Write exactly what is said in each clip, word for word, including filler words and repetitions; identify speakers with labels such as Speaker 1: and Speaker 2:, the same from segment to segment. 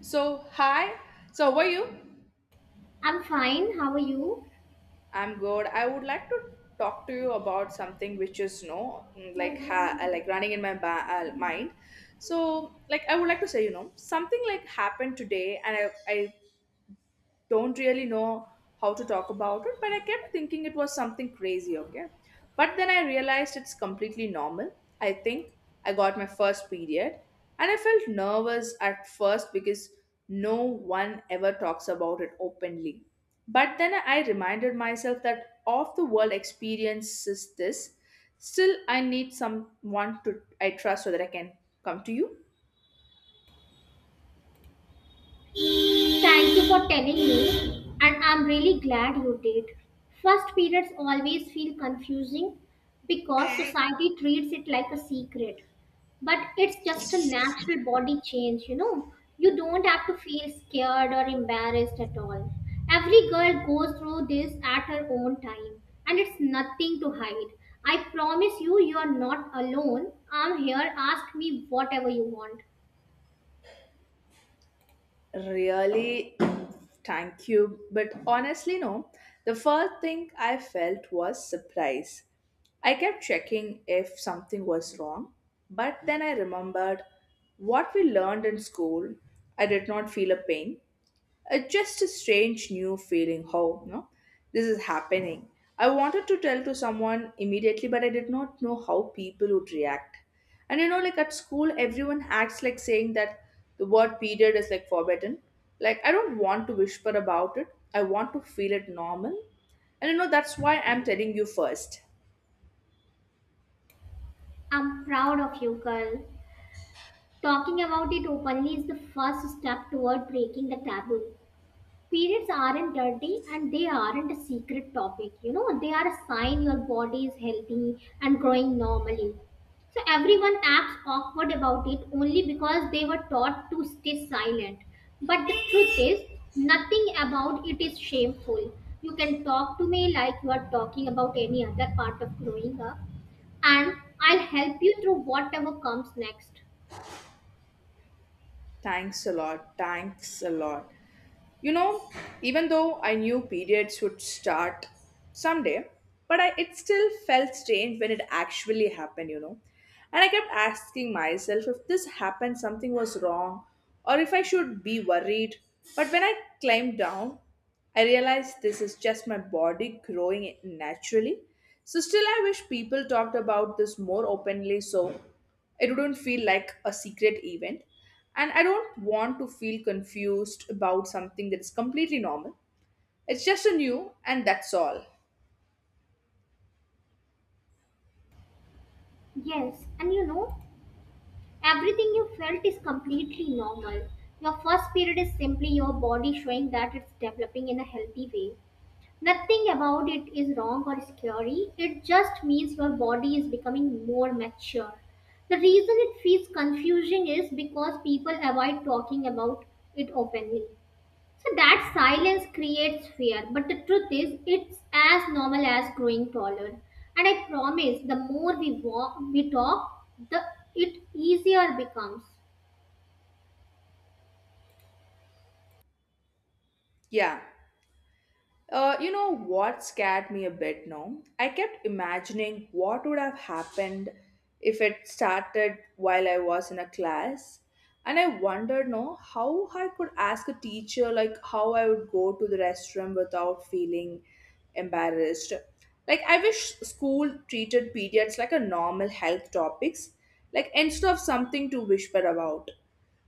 Speaker 1: So, hi. So, how are you?
Speaker 2: I'm fine. How are you?
Speaker 1: I'm good. I would like to talk to you about something which is no mm, like ha- uh, like running in my ba- uh, mind. So, like I would like to say, you know, something like happened today, and I I don't really know how to talk about it, but I kept thinking it was something crazy, okay? But then I realized it's completely normal. I think I got my first period and I felt nervous at first because no one ever talks about it openly. But then I reminded myself that off the world experiences this. Still, I need someone to I trust so that I can come to you.
Speaker 2: Thank you for telling me, and I'm really glad you did. First periods always feel confusing because society treats it like a secret. But it's just a natural body change, you know. You don't have to feel scared or embarrassed at all. Every girl goes through this at her own time, and it's nothing to hide. I promise you, you are not alone. I'm here. Ask me whatever you want.
Speaker 1: Really, thank you. But honestly, no. The first thing I felt was surprise. I kept checking if something was wrong, but then I remembered what we learned in school. I did not feel a pain, it's just a strange new feeling how no this is happening. I wanted to tell to someone immediately, but I did not know how people would react. And you know, like at school, everyone acts like saying that the word period is like forbidden. Like I don't want to whisper about it. I want to feel it normal. And you know, that's why I'm telling you first.
Speaker 2: I'm proud of you, girl. Talking about it openly is the first step toward breaking the taboo. Periods aren't dirty and they aren't a secret topic. You know, they are a sign your body is healthy and growing normally. So everyone acts awkward about it only because they were taught to stay silent. But the truth is, nothing about it is shameful. You can talk to me like you are talking about any other part of growing up and I'll help you through whatever comes next.
Speaker 1: Thanks a lot. Thanks a lot. You know, even though I knew periods would start someday, but I, it still felt strange when it actually happened, you know. And I kept asking myself if this happened, something was wrong, or if I should be worried. But when I climbed down, I realize this is just my body growing naturally. So, still, I wish people talked about this more openly so it wouldn't feel like a secret event. And I don't want to feel confused about something that is completely normal. It's just a new, and that's all.
Speaker 2: Yes, and you know, everything you felt is completely normal. Your first period is simply your body showing that it's developing in a healthy way. Nothing about it is wrong or scary, it just means your body is becoming more mature. The reason it feels confusing is because people avoid talking about it openly. So that silence creates fear, but the truth is, it's as normal as growing taller. And I promise, the more we walk, we talk, the it easier becomes.
Speaker 1: Yeah. Uh, you know what scared me a bit now? I kept imagining what would have happened if it started while I was in a class. And I wondered no how I could ask a teacher like how I would go to the restroom without feeling embarrassed. Like I wish school treated periods like a normal health topics, like instead of something to whisper about.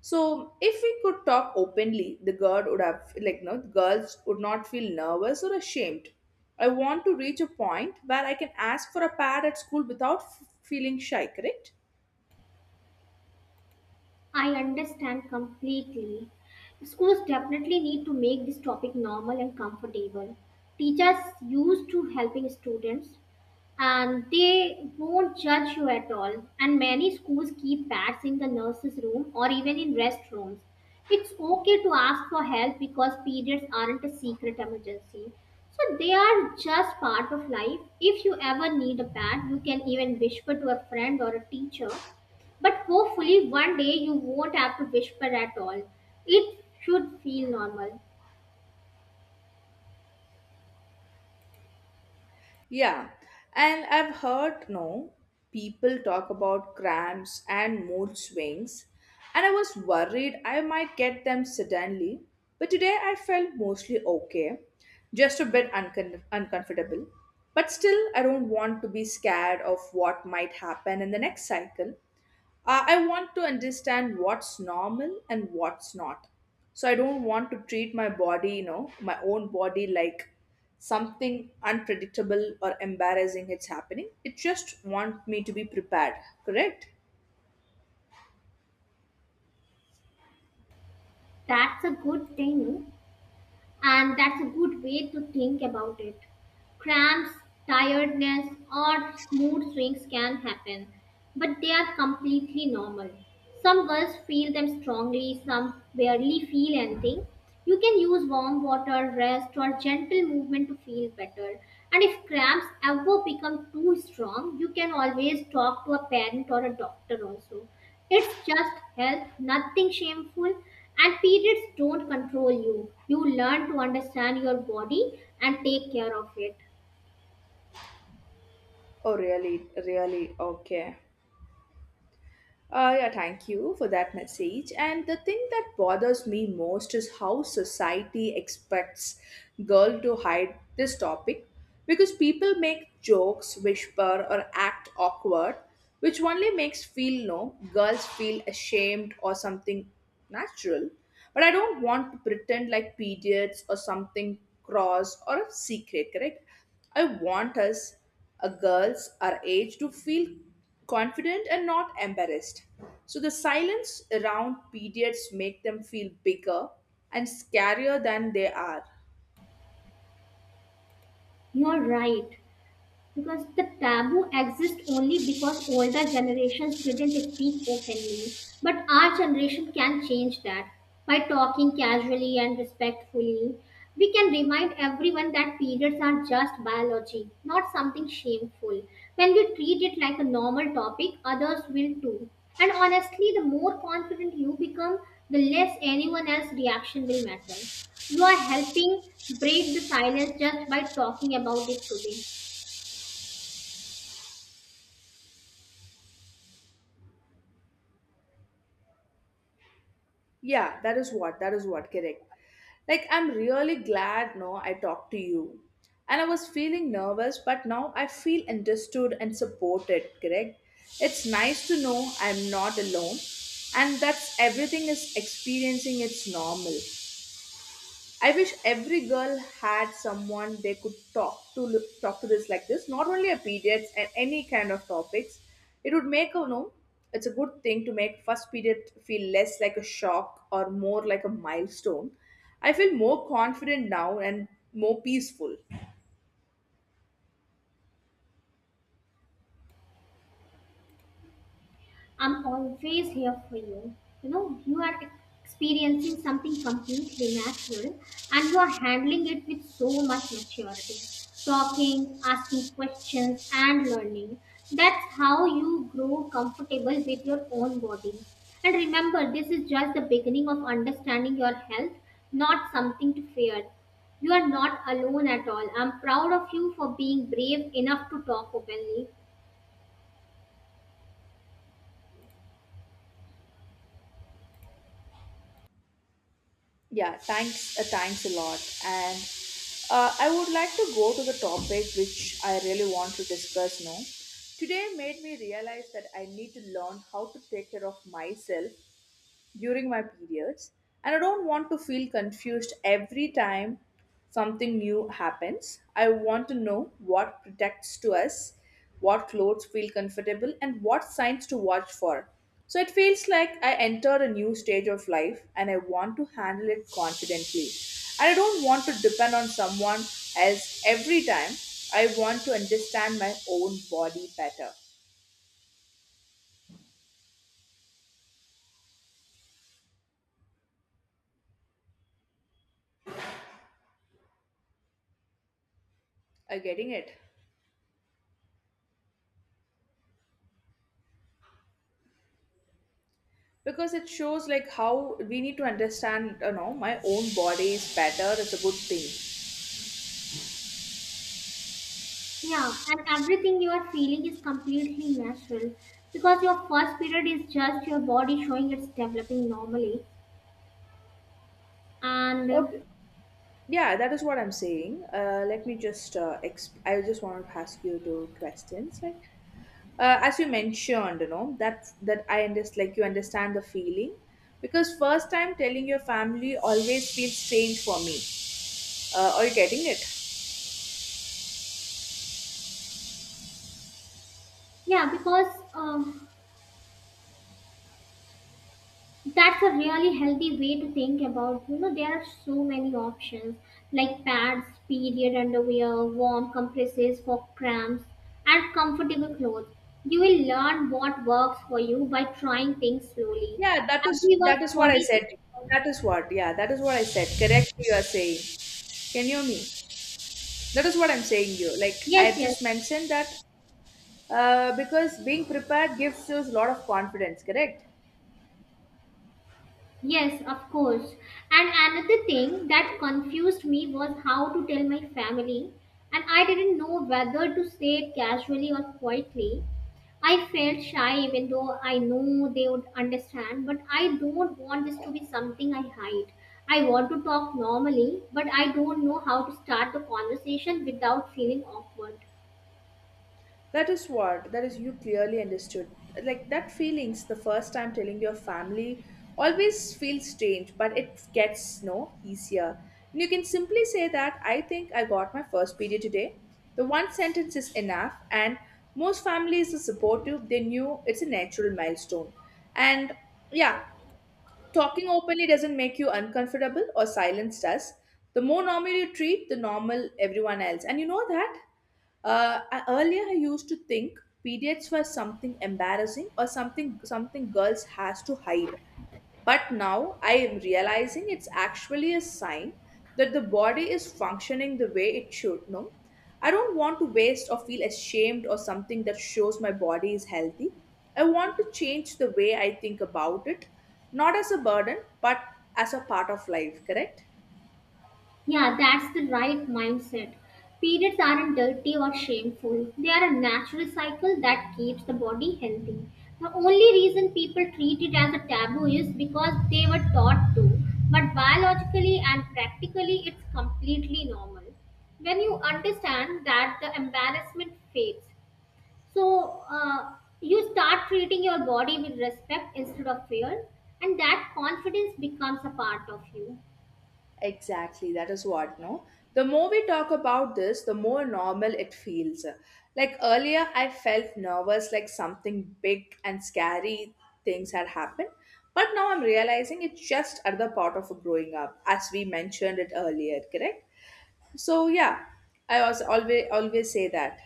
Speaker 1: So if we could talk openly, the girl would have like no the girls would not feel nervous or ashamed. I want to reach a point where I can ask for a pad at school without f- feeling shy, correct?
Speaker 2: I understand completely. Schools definitely need to make this topic normal and comfortable. Teachers used to helping students, and they won't judge you at all. And many schools keep pads in the nurses' room or even in restrooms. It's okay to ask for help because periods aren't a secret emergency. So they are just part of life. If you ever need a pad, you can even whisper to a friend or a teacher. But hopefully, one day you won't have to whisper at all. It should feel normal.
Speaker 1: Yeah, and I've heard no people talk about cramps and mood swings, and I was worried I might get them suddenly, but today I felt mostly okay, just a bit uncon- uncomfortable. But still, I don't want to be scared of what might happen in the next cycle uh, I want to understand what's normal and what's not. So I don't want to treat my body, you know, my own body like something unpredictable or embarrassing it's happening. It just want me to be prepared, correct?
Speaker 2: That's a good thing, and that's a good way to think about it. Cramps, tiredness, or mood swings can happen, but they are completely normal. Some girls feel them strongly, some barely feel anything. You can use warm water, rest, or gentle movement to feel better. And if cramps ever become too strong, you can always talk to a parent or a doctor also. It's just health, nothing shameful, and periods don't control you. You learn to understand your body and take care of it.
Speaker 1: Oh really, really, okay. Uh, yeah, thank you for that message. And the thing that bothers me most is how society expects girl to hide this topic because people make jokes, whisper, or act awkward, which only makes feel no girls feel ashamed or something natural. But I don't want to pretend like periods or something cross or a secret, correct? I want us, a girls our age, to feel confident and not embarrassed. So the silence around periods make them feel bigger and scarier than they are.
Speaker 2: You're right because the taboo exists only because older generations didn't speak openly. But our generation can change that by talking casually and respectfully. We can remind everyone that periods are just biology, not something shameful. When we treat it like a normal topic, others will too. And honestly, the more confident you become, the less anyone else's reaction will matter. You are helping break the silence just by talking about it today.
Speaker 1: Yeah, that is what, that is what, correct. Like I'm really glad no I talked to you. And I was feeling nervous, but now I feel understood and supported, correct? It's nice to know I'm not alone and that everything is experiencing its normal. I wish every girl had someone they could talk to talk to this like this. Not only a periods and any kind of topics. It would make a you know. It's a good thing to make first period feel less like a shock or more like a milestone. I feel more confident now and more peaceful.
Speaker 2: I'm always here for you. You know, you are experiencing something completely natural and you are handling it with so much maturity. Talking, asking questions, and learning. That's how you grow comfortable with your own body. And remember, this is just the beginning of understanding your health, not something to fear. You are not alone at all. I'm proud of you for being brave enough to talk openly.
Speaker 1: Yeah, thanks. Uh, thanks a lot. And uh, I would like to go to the topic which I really want to discuss now. Today made me realize that I need to learn how to take care of myself during my periods, and I don't want to feel confused every time something new happens. I want to know what protects to us, what clothes feel comfortable and what signs to watch for, so it feels like I enter a new stage of life and I want to handle it confidently. And I don't want to depend on someone else every time. I want to understand my own body better. Are you getting it? Because it shows like how we need to understand, you know, my own body is better. It's a good thing.
Speaker 2: Yeah, and everything you are feeling is completely natural because your first period is just your body showing it's developing normally. And uh,
Speaker 1: Okay, yeah, that is what I'm saying. Uh, let me just uh, exp- I just want to ask you two questions like, uh, as you mentioned, you know, that that I understand, like you understand the feeling, because first time telling your family always feels strange for me. Uh, are you getting it?
Speaker 2: Yeah, because uh, that's a really healthy way to think about. You know, there are so many options like pads, period underwear, warm compresses for cramps, and comfortable clothes. You will learn what works for you by trying things slowly.
Speaker 1: Yeah, that is
Speaker 2: Everyone's
Speaker 1: that is what I
Speaker 2: body is
Speaker 1: said.
Speaker 2: different.
Speaker 1: That is what. Yeah, that is what I said correctly, you are saying. Can you hear me? That is what I'm saying you. Like I
Speaker 2: Yes,
Speaker 1: have
Speaker 2: yes.
Speaker 1: just mentioned that uh, because being prepared gives you a lot of confidence, correct?
Speaker 2: Yes, of course. And another thing that confused me was how to tell my family, and I didn't know whether to say it casually or quietly. I felt shy even though I know they would understand, but I don't want this to be something I hide. I want to talk normally, but I don't know how to start the conversation without feeling awkward.
Speaker 1: That is what, that is you clearly understood. Like that feelings the first time telling your family always feels strange, but it gets no easier. And you can simply say that I think I got my first period today. The one sentence is enough, and most families are supportive. They knew it's a natural milestone, and yeah, talking openly doesn't make you uncomfortable or silence does. The more normal you treat, the normal everyone else. And you know that? Uh, I, earlier I used to think periods were something embarrassing or something something girls has to hide. But now I am realizing it's actually a sign that the body is functioning the way it should, no? I don't want to waste or feel ashamed or something that shows my body is healthy. I want to change the way I think about it, not as a burden, but as a part of life, correct?
Speaker 2: Yeah, that's the right mindset. Periods aren't dirty or shameful. They are a natural cycle that keeps the body healthy. The only reason people treat it as a taboo is because they were taught to. But biologically and practically, it's completely normal. When you understand that, the embarrassment fades. So uh, you start treating your body with respect instead of fear, and that confidence becomes a part of you.
Speaker 1: Exactly, that is what, no? The more we talk about this, the more normal it feels. Like earlier, I felt nervous like something big and scary things had happened. But now I'm realizing it's just another part of growing up, as we mentioned it earlier, correct? So, yeah, I also always, always say that.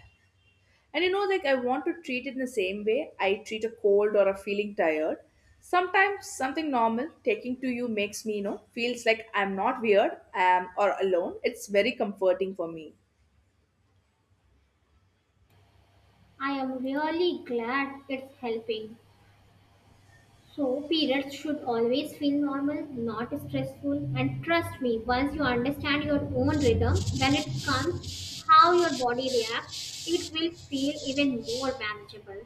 Speaker 1: And you know, like I want to treat it in the same way I treat a cold or a feeling tired. Sometimes something normal taking to you makes me, you know, feels like I'm not weird um, or alone. It's very comforting for me.
Speaker 2: I am really glad it's helping. So, periods should always feel normal, not stressful. And trust me, once you understand your own rhythm, when it comes, how your body reacts, it will feel even more manageable.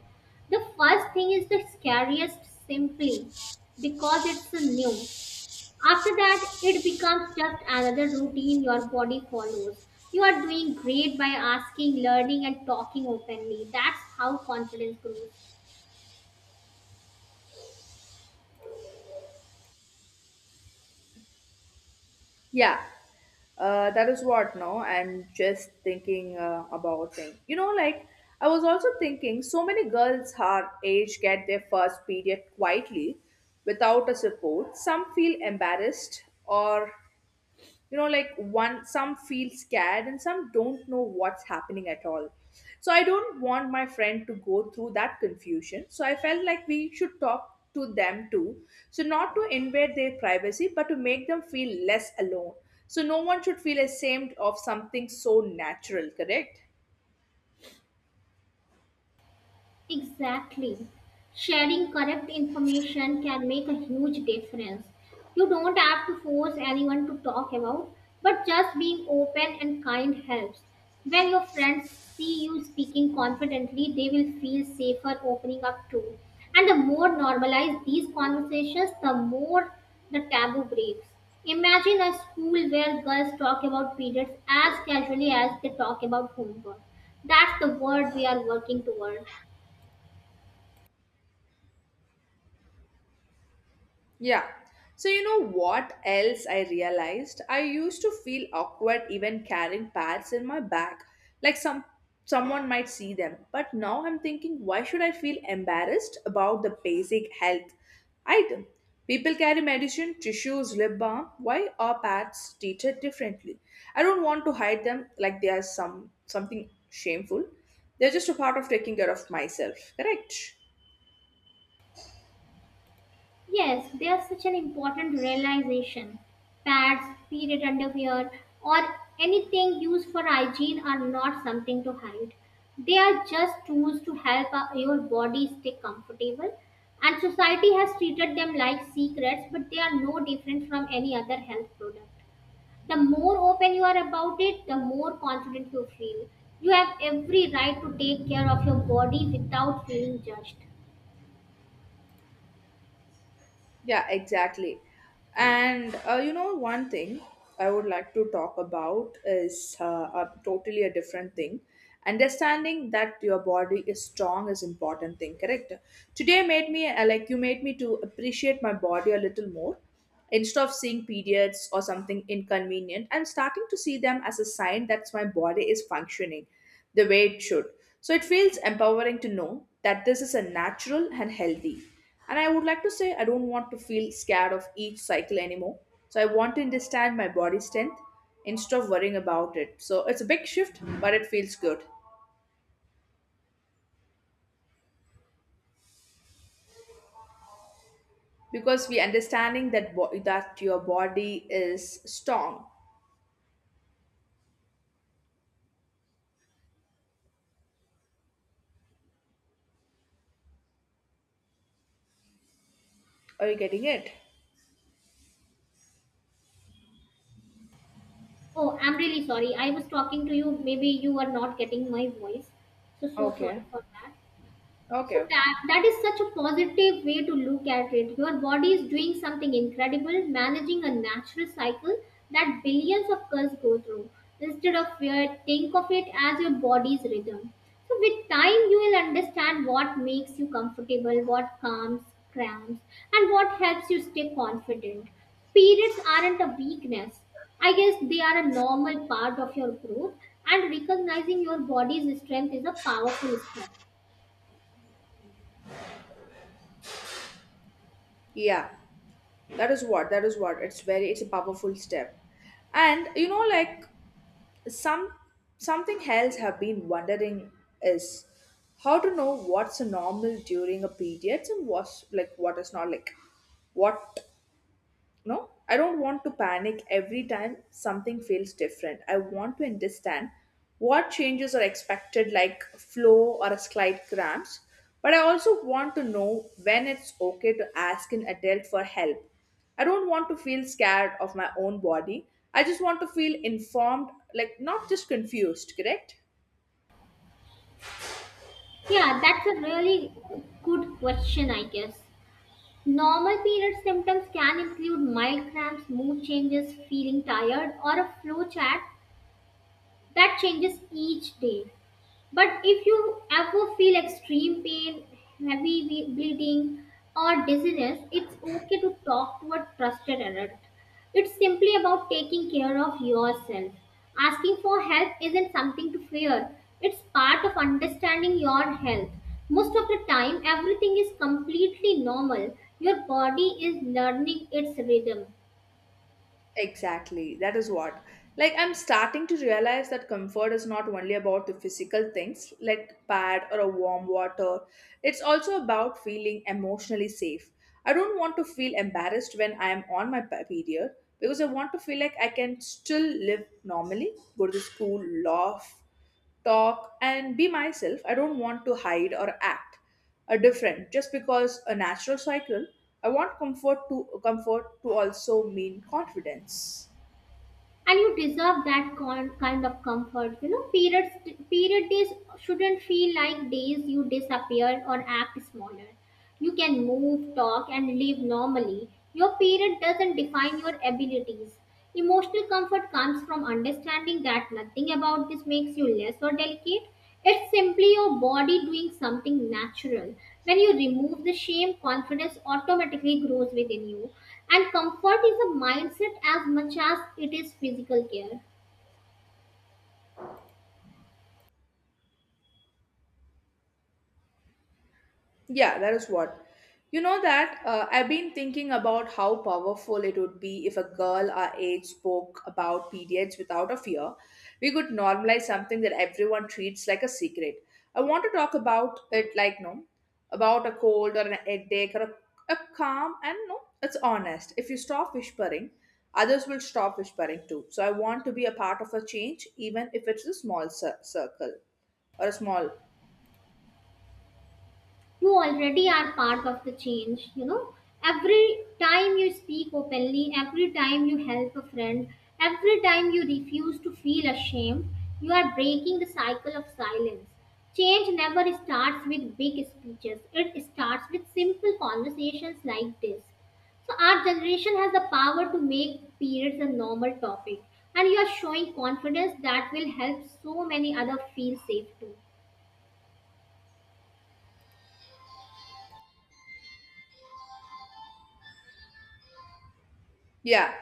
Speaker 2: The first thing is the scariest simply because it's new. After that, it becomes just another routine your body follows. You are doing great by asking, learning, and talking openly. That's how confidence grows.
Speaker 1: Yeah, uh, that is what, no? I'm just thinking uh, about things. You know, like I was also thinking so many girls our age get their first period quietly without a support. Some feel embarrassed or, you know, like one some feel scared and some don't know what's happening at all. So I don't want my friend to go through that confusion, so I felt like we should talk to them too, so not to invade their privacy but to make them feel less alone. So no one should feel ashamed of something so natural, correct?
Speaker 2: Exactly. Sharing correct information can make a huge difference. You don't have to force anyone to talk about, but just being open and kind helps. When your friends see you speaking confidently, they will feel safer opening up too. And the more normalized these conversations, the more the taboo breaks. Imagine a school where girls talk about periods as casually as they talk about homework. That's the world we are working toward.
Speaker 1: Yeah. So, you know what else I realized? I used to feel awkward even carrying pads in my bag. Like some someone might see them. But now I'm thinking, why should I feel embarrassed about the basic health item? People carry medicine, tissues, lip balm. Why are pads treated differently? I don't want to hide them like they are some something shameful. They're just a part of taking care of myself, correct?
Speaker 2: Yes, there's such an important realization. Pads, period underwear, or anything used for hygiene are not something to hide. They are just tools to help our- your body stay comfortable. And society has treated them like secrets, but they are no different from any other health product. The more open you are about it, the more confident you feel. You have every right to take care of your body without feeling judged.
Speaker 1: Yeah, exactly. And uh, you know, one thing I would like to talk about is uh, a totally a different thing. Understanding that your body is strong is important thing, correct? Today made me uh, like you made me to appreciate my body a little more. Instead of seeing periods or something inconvenient, I'm starting to see them as a sign that my body is functioning the way it should. So it feels empowering to know that this is a natural and healthy. And I would like to say I don't want to feel scared of each cycle anymore. So I want to understand my body strength instead of worrying about it. So it's a big shift, but it feels good because we understanding that bo- that your body is strong. Are you getting it?
Speaker 2: Oh, I'm really sorry. I was talking to you. Maybe you were not getting my voice. So, so sorry
Speaker 1: Okay.
Speaker 2: for that. So
Speaker 1: Okay. Okay.
Speaker 2: that that is such a positive way to look at it. Your body is doing something incredible, managing a natural cycle that billions of us go through. Instead of fear, think of it as your body's rhythm. So with time you will understand what makes you comfortable, what calms, crowns, and what helps you stay confident. Periods aren't a weakness. I guess they are a normal part of your growth and recognizing your body's strength is a powerful step.
Speaker 1: Yeah, that is what, that is what. It's very, it's a powerful step. And you know, like some something else have been wondering is how to know what's normal during a period and what's like what is not like what no, I don't want to panic every time something feels different. I want to understand what changes are expected, like flow or a slight cramps, but I also want to know when it's okay to ask an adult for help. I don't want to feel scared of my own body. I just want to feel informed, like not just confused, correct.
Speaker 2: Yeah, that's a really good question, I guess. Normal period symptoms can include mild cramps, mood changes, feeling tired, or a flow chart that changes each day. But if you ever feel extreme pain, heavy ble- bleeding, or dizziness, it's okay to talk to a trusted adult. It's simply about taking care of yourself. Asking for help isn't something to fear, it's part of understanding your health. Most of the time, everything is completely normal. Your body is learning its rhythm.
Speaker 1: Exactly. That is what. Like I'm starting to realize that comfort is not only about the physical things like pad or a warm water. It's also about feeling emotionally safe. I don't want to feel embarrassed when I am on my pe- period, because I want to feel like I can still live normally, go to school, laugh, talk and be myself. I don't want to hide or act are different just because a natural cycle. I want comfort to comfort to also mean confidence.
Speaker 2: And you deserve that con- kind of comfort. You know, periods, period days shouldn't feel like days you disappear or act smaller. You can move, talk, and live normally. Your period doesn't define your abilities. Emotional comfort comes from understanding that nothing about this makes you less or delicate. It's simply your body doing something natural. When you remove the shame, confidence automatically grows within you, and comfort is a mindset as much as it is physical care.
Speaker 1: Yeah, that is what. You know that uh, I've been thinking about how powerful it would be if a girl our age spoke about periods without a fear. We could normalize something that everyone treats like a secret. I want to talk about it like no, about a cold or an headache or a, a calm and no, it's honest. If you stop whispering, others will stop whispering too. So I want to be a part of a change, even if it's a small cir- circle or a small.
Speaker 2: You already are part of the change. You know, every time you speak openly, every time you help a friend, every time you refuse to feel ashamed, you are breaking the cycle of silence. Change never starts with big speeches, it starts with simple conversations like this. So our generation has the power to make periods a normal topic, and you are showing confidence that will help so many others feel safe too.
Speaker 1: Yeah,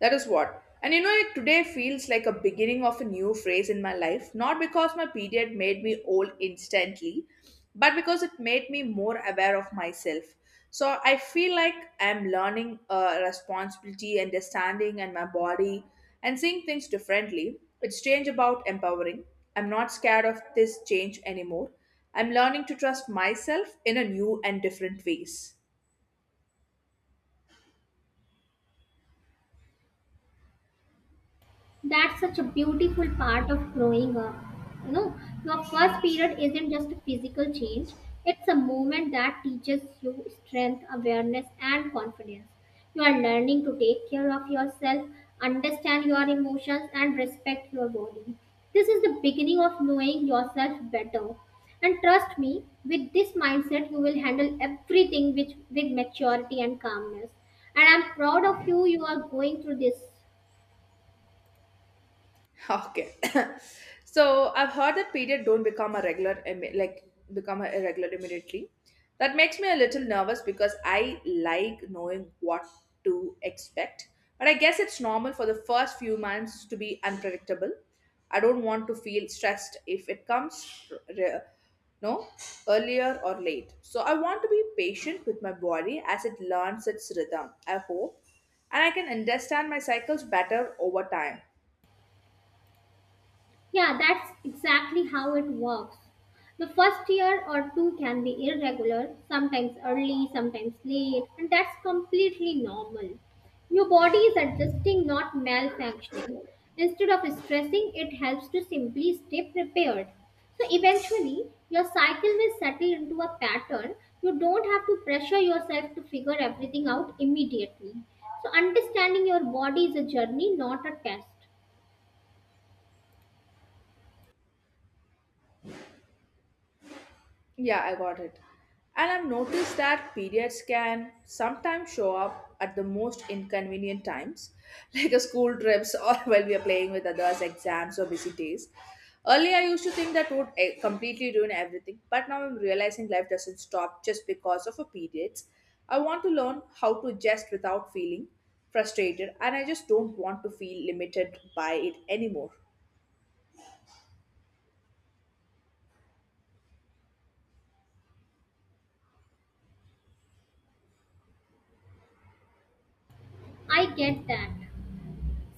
Speaker 1: that is what. And you know, it today feels like a beginning of a new phase in my life, not because my period made me old instantly, but because it made me more aware of myself. So I feel like I'm learning uh, responsibility, understanding, and my body, and seeing things differently. It's change about empowering. I'm not scared of this change anymore. I'm learning to trust myself in a new and different ways.
Speaker 2: That's such a beautiful part of growing up. You know, your first period isn't just a physical change, it's a moment that teaches you strength, awareness, and confidence. You are learning to take care of yourself, understand your emotions, and respect your body. This is the beginning of knowing yourself better, and trust me, with this mindset you will handle everything with, with maturity and calmness. And I'm proud of you. You are going through this.
Speaker 1: Okay. So I've heard that period don't become a regular, imme- like become a irregular immediately. That makes me a little nervous because I like knowing what to expect. But I guess it's normal for the first few months to be unpredictable. I don't want to feel stressed if it comes re- no, earlier or late. So I want to be patient with my body as it learns its rhythm, I hope, and I can understand my cycles better over time.
Speaker 2: Yeah, that's exactly how it works. The first year or two can be irregular, sometimes early, sometimes late, and that's completely normal. Your body is adjusting, not malfunctioning. Instead of stressing, it helps to simply stay prepared. So eventually, your cycle will settle into a pattern. You don't have to pressure yourself to figure everything out immediately. So understanding your body is a journey, not a test.
Speaker 1: Yeah, I got it. And I've noticed that periods can sometimes show up at the most inconvenient times, like a school trips or while we are playing with others, exams or busy days. Earlier, I used to think that would eh, completely ruin everything, but now I'm realizing life doesn't stop just because of a periods. I want to learn how to adjust without feeling frustrated, and I just don't want to feel limited by it anymore.
Speaker 2: I get that.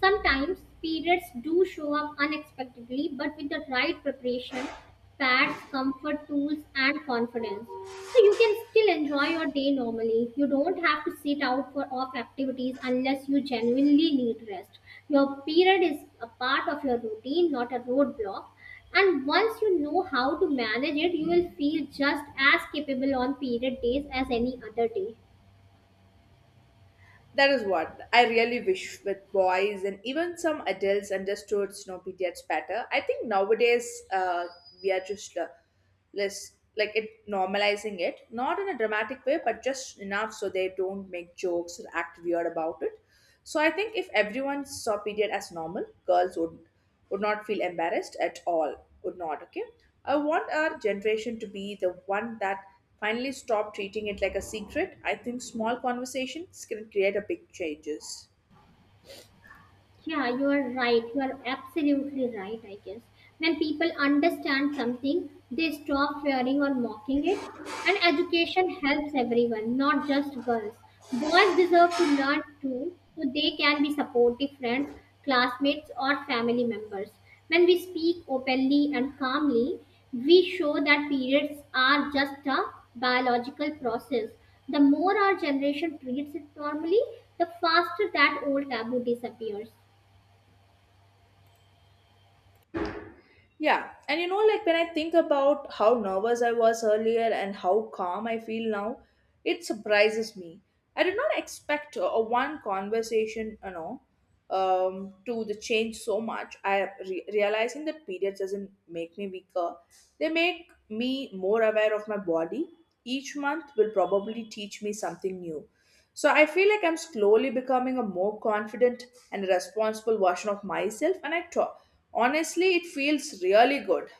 Speaker 2: Sometimes periods do show up unexpectedly, but with the right preparation, pads, comfort tools, and confidence. So you can still enjoy your day normally. You don't have to sit out for off activities unless you genuinely need rest. Your period is a part of your routine, not a roadblock. And once you know how to manage it, you will feel just as capable on period days as any other day.
Speaker 1: That is what I really wish with boys and even some adults understood snowpediads better. I think nowadays uh, we are just uh, less like it normalizing it, not in a dramatic way, but just enough so they don't make jokes or act weird about it. So I think if everyone saw period as normal, girls would would not feel embarrassed at all. Would not, okay? I want our generation to be the one that finally stop treating it like a secret. I think small conversations can create a big changes.
Speaker 2: Yeah, you are right. You are absolutely right, I guess. When people understand something, they stop fearing or mocking it. And education helps everyone, not just girls. Boys deserve to learn too, so they can be supportive friends, classmates, or family members. When we speak openly and calmly, we show that periods are just a biological process. The more our generation treats it normally, the faster that old taboo disappears.
Speaker 1: Yeah, and you know, like when I think about how nervous I was earlier and how calm I feel now, it surprises me. I did not expect a a one conversation, you know, um, to the change so much. I re- realizing that periods doesn't make me weaker. They make me more aware of my body. Each month will probably teach me something new. So I feel like I'm slowly becoming a more confident and responsible version of myself. And I talk. Honestly, it feels really good.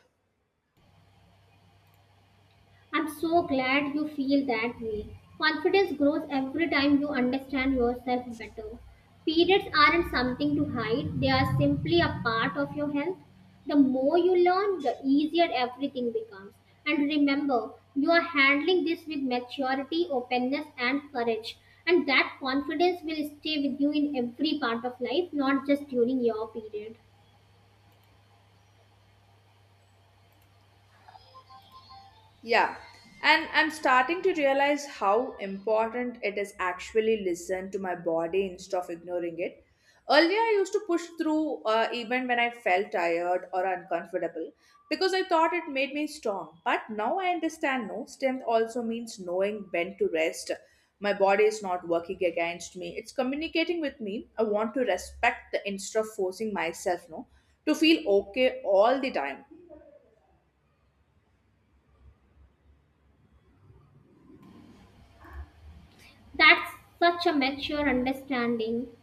Speaker 2: I'm so glad you feel that way. Confidence grows every time you understand yourself better. Periods aren't something to hide, they are simply a part of your health. The more you learn, the easier everything becomes. And remember, you are handling this with maturity, openness, and courage. And that confidence will stay with you in every part of life, not just during your period.
Speaker 1: Yeah, and I'm starting to realize how important it is actually listen to my body instead of ignoring it. Earlier, I used to push through uh, even when I felt tired or uncomfortable because I thought it made me strong. But now I understand no, strength also means knowing when to rest. My body is not working against me, it's communicating with me. I want to respect the instead of forcing myself no, to feel okay all the time.
Speaker 2: That's such a mature understanding.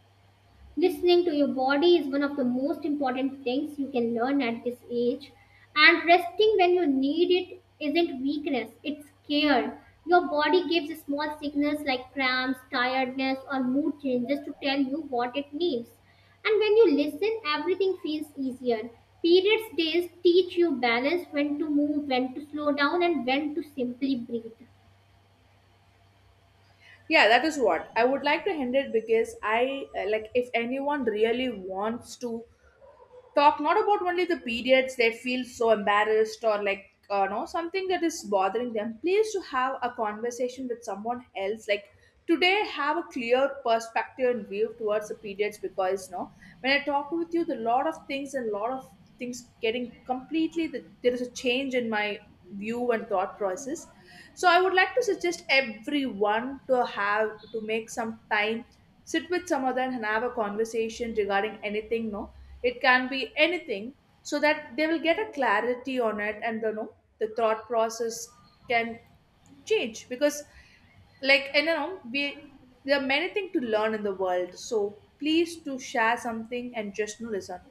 Speaker 2: Listening to your body is one of the most important things you can learn at this age. And resting when you need it isn't weakness, it's care. Your body gives small signals like cramps, tiredness, or mood changes to tell you what it needs. And when you listen, everything feels easier. Periods days teach you balance: when to move, when to slow down, and when to simply breathe.
Speaker 1: Yeah, that is what. I would like to end it because i uh, like, if anyone really wants to talk not about only the periods, they feel so embarrassed or like uh, no, something that is bothering them, please to have a conversation with someone else, like today, have a clear perspective and view towards the periods. Because no, when I talk with you, the lot of things and lot of things getting completely the, there is a change in my view and thought process. So I would like to suggest everyone to have to make some time, sit with someone and have a conversation regarding anything, no, it can be anything, so that they will get a clarity on it. And you know, the thought process can change, because like, and you know, we there are many things to learn in the world, so please to share something and just, you know, listen.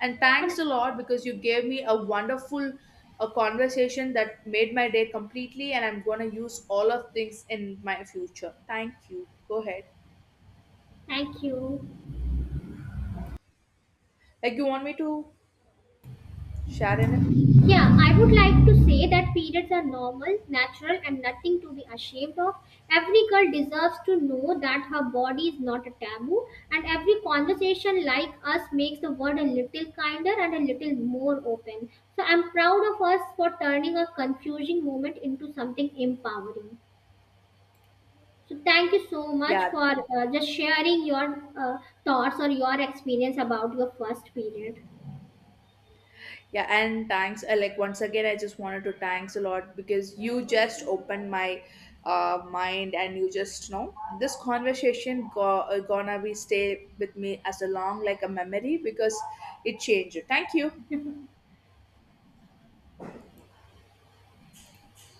Speaker 1: And
Speaker 2: And
Speaker 1: thanks a lot, because you gave me a wonderful a conversation that made my day completely, and I'm going to use all of things in my future. Thank you. Go ahead.
Speaker 2: thank you.
Speaker 1: Like, you want me to share in it?
Speaker 2: Yeah, I would like to say that periods are normal, natural, and nothing to be ashamed of. Every girl deserves to know that her body is not a taboo, and every conversation like us makes the world a little kinder and a little more open. So I'm proud of us for turning a confusing moment into something empowering. So thank you so much
Speaker 1: Yeah.
Speaker 2: for uh, just sharing your uh, thoughts or your experience about your first period.
Speaker 1: Yeah, and thanks. Uh, like, once again, I just wanted to thanks a lot because you just opened my uh, mind, and you just know this conversation go- uh, gonna be stay with me as a long like a memory because it changed. Thank you.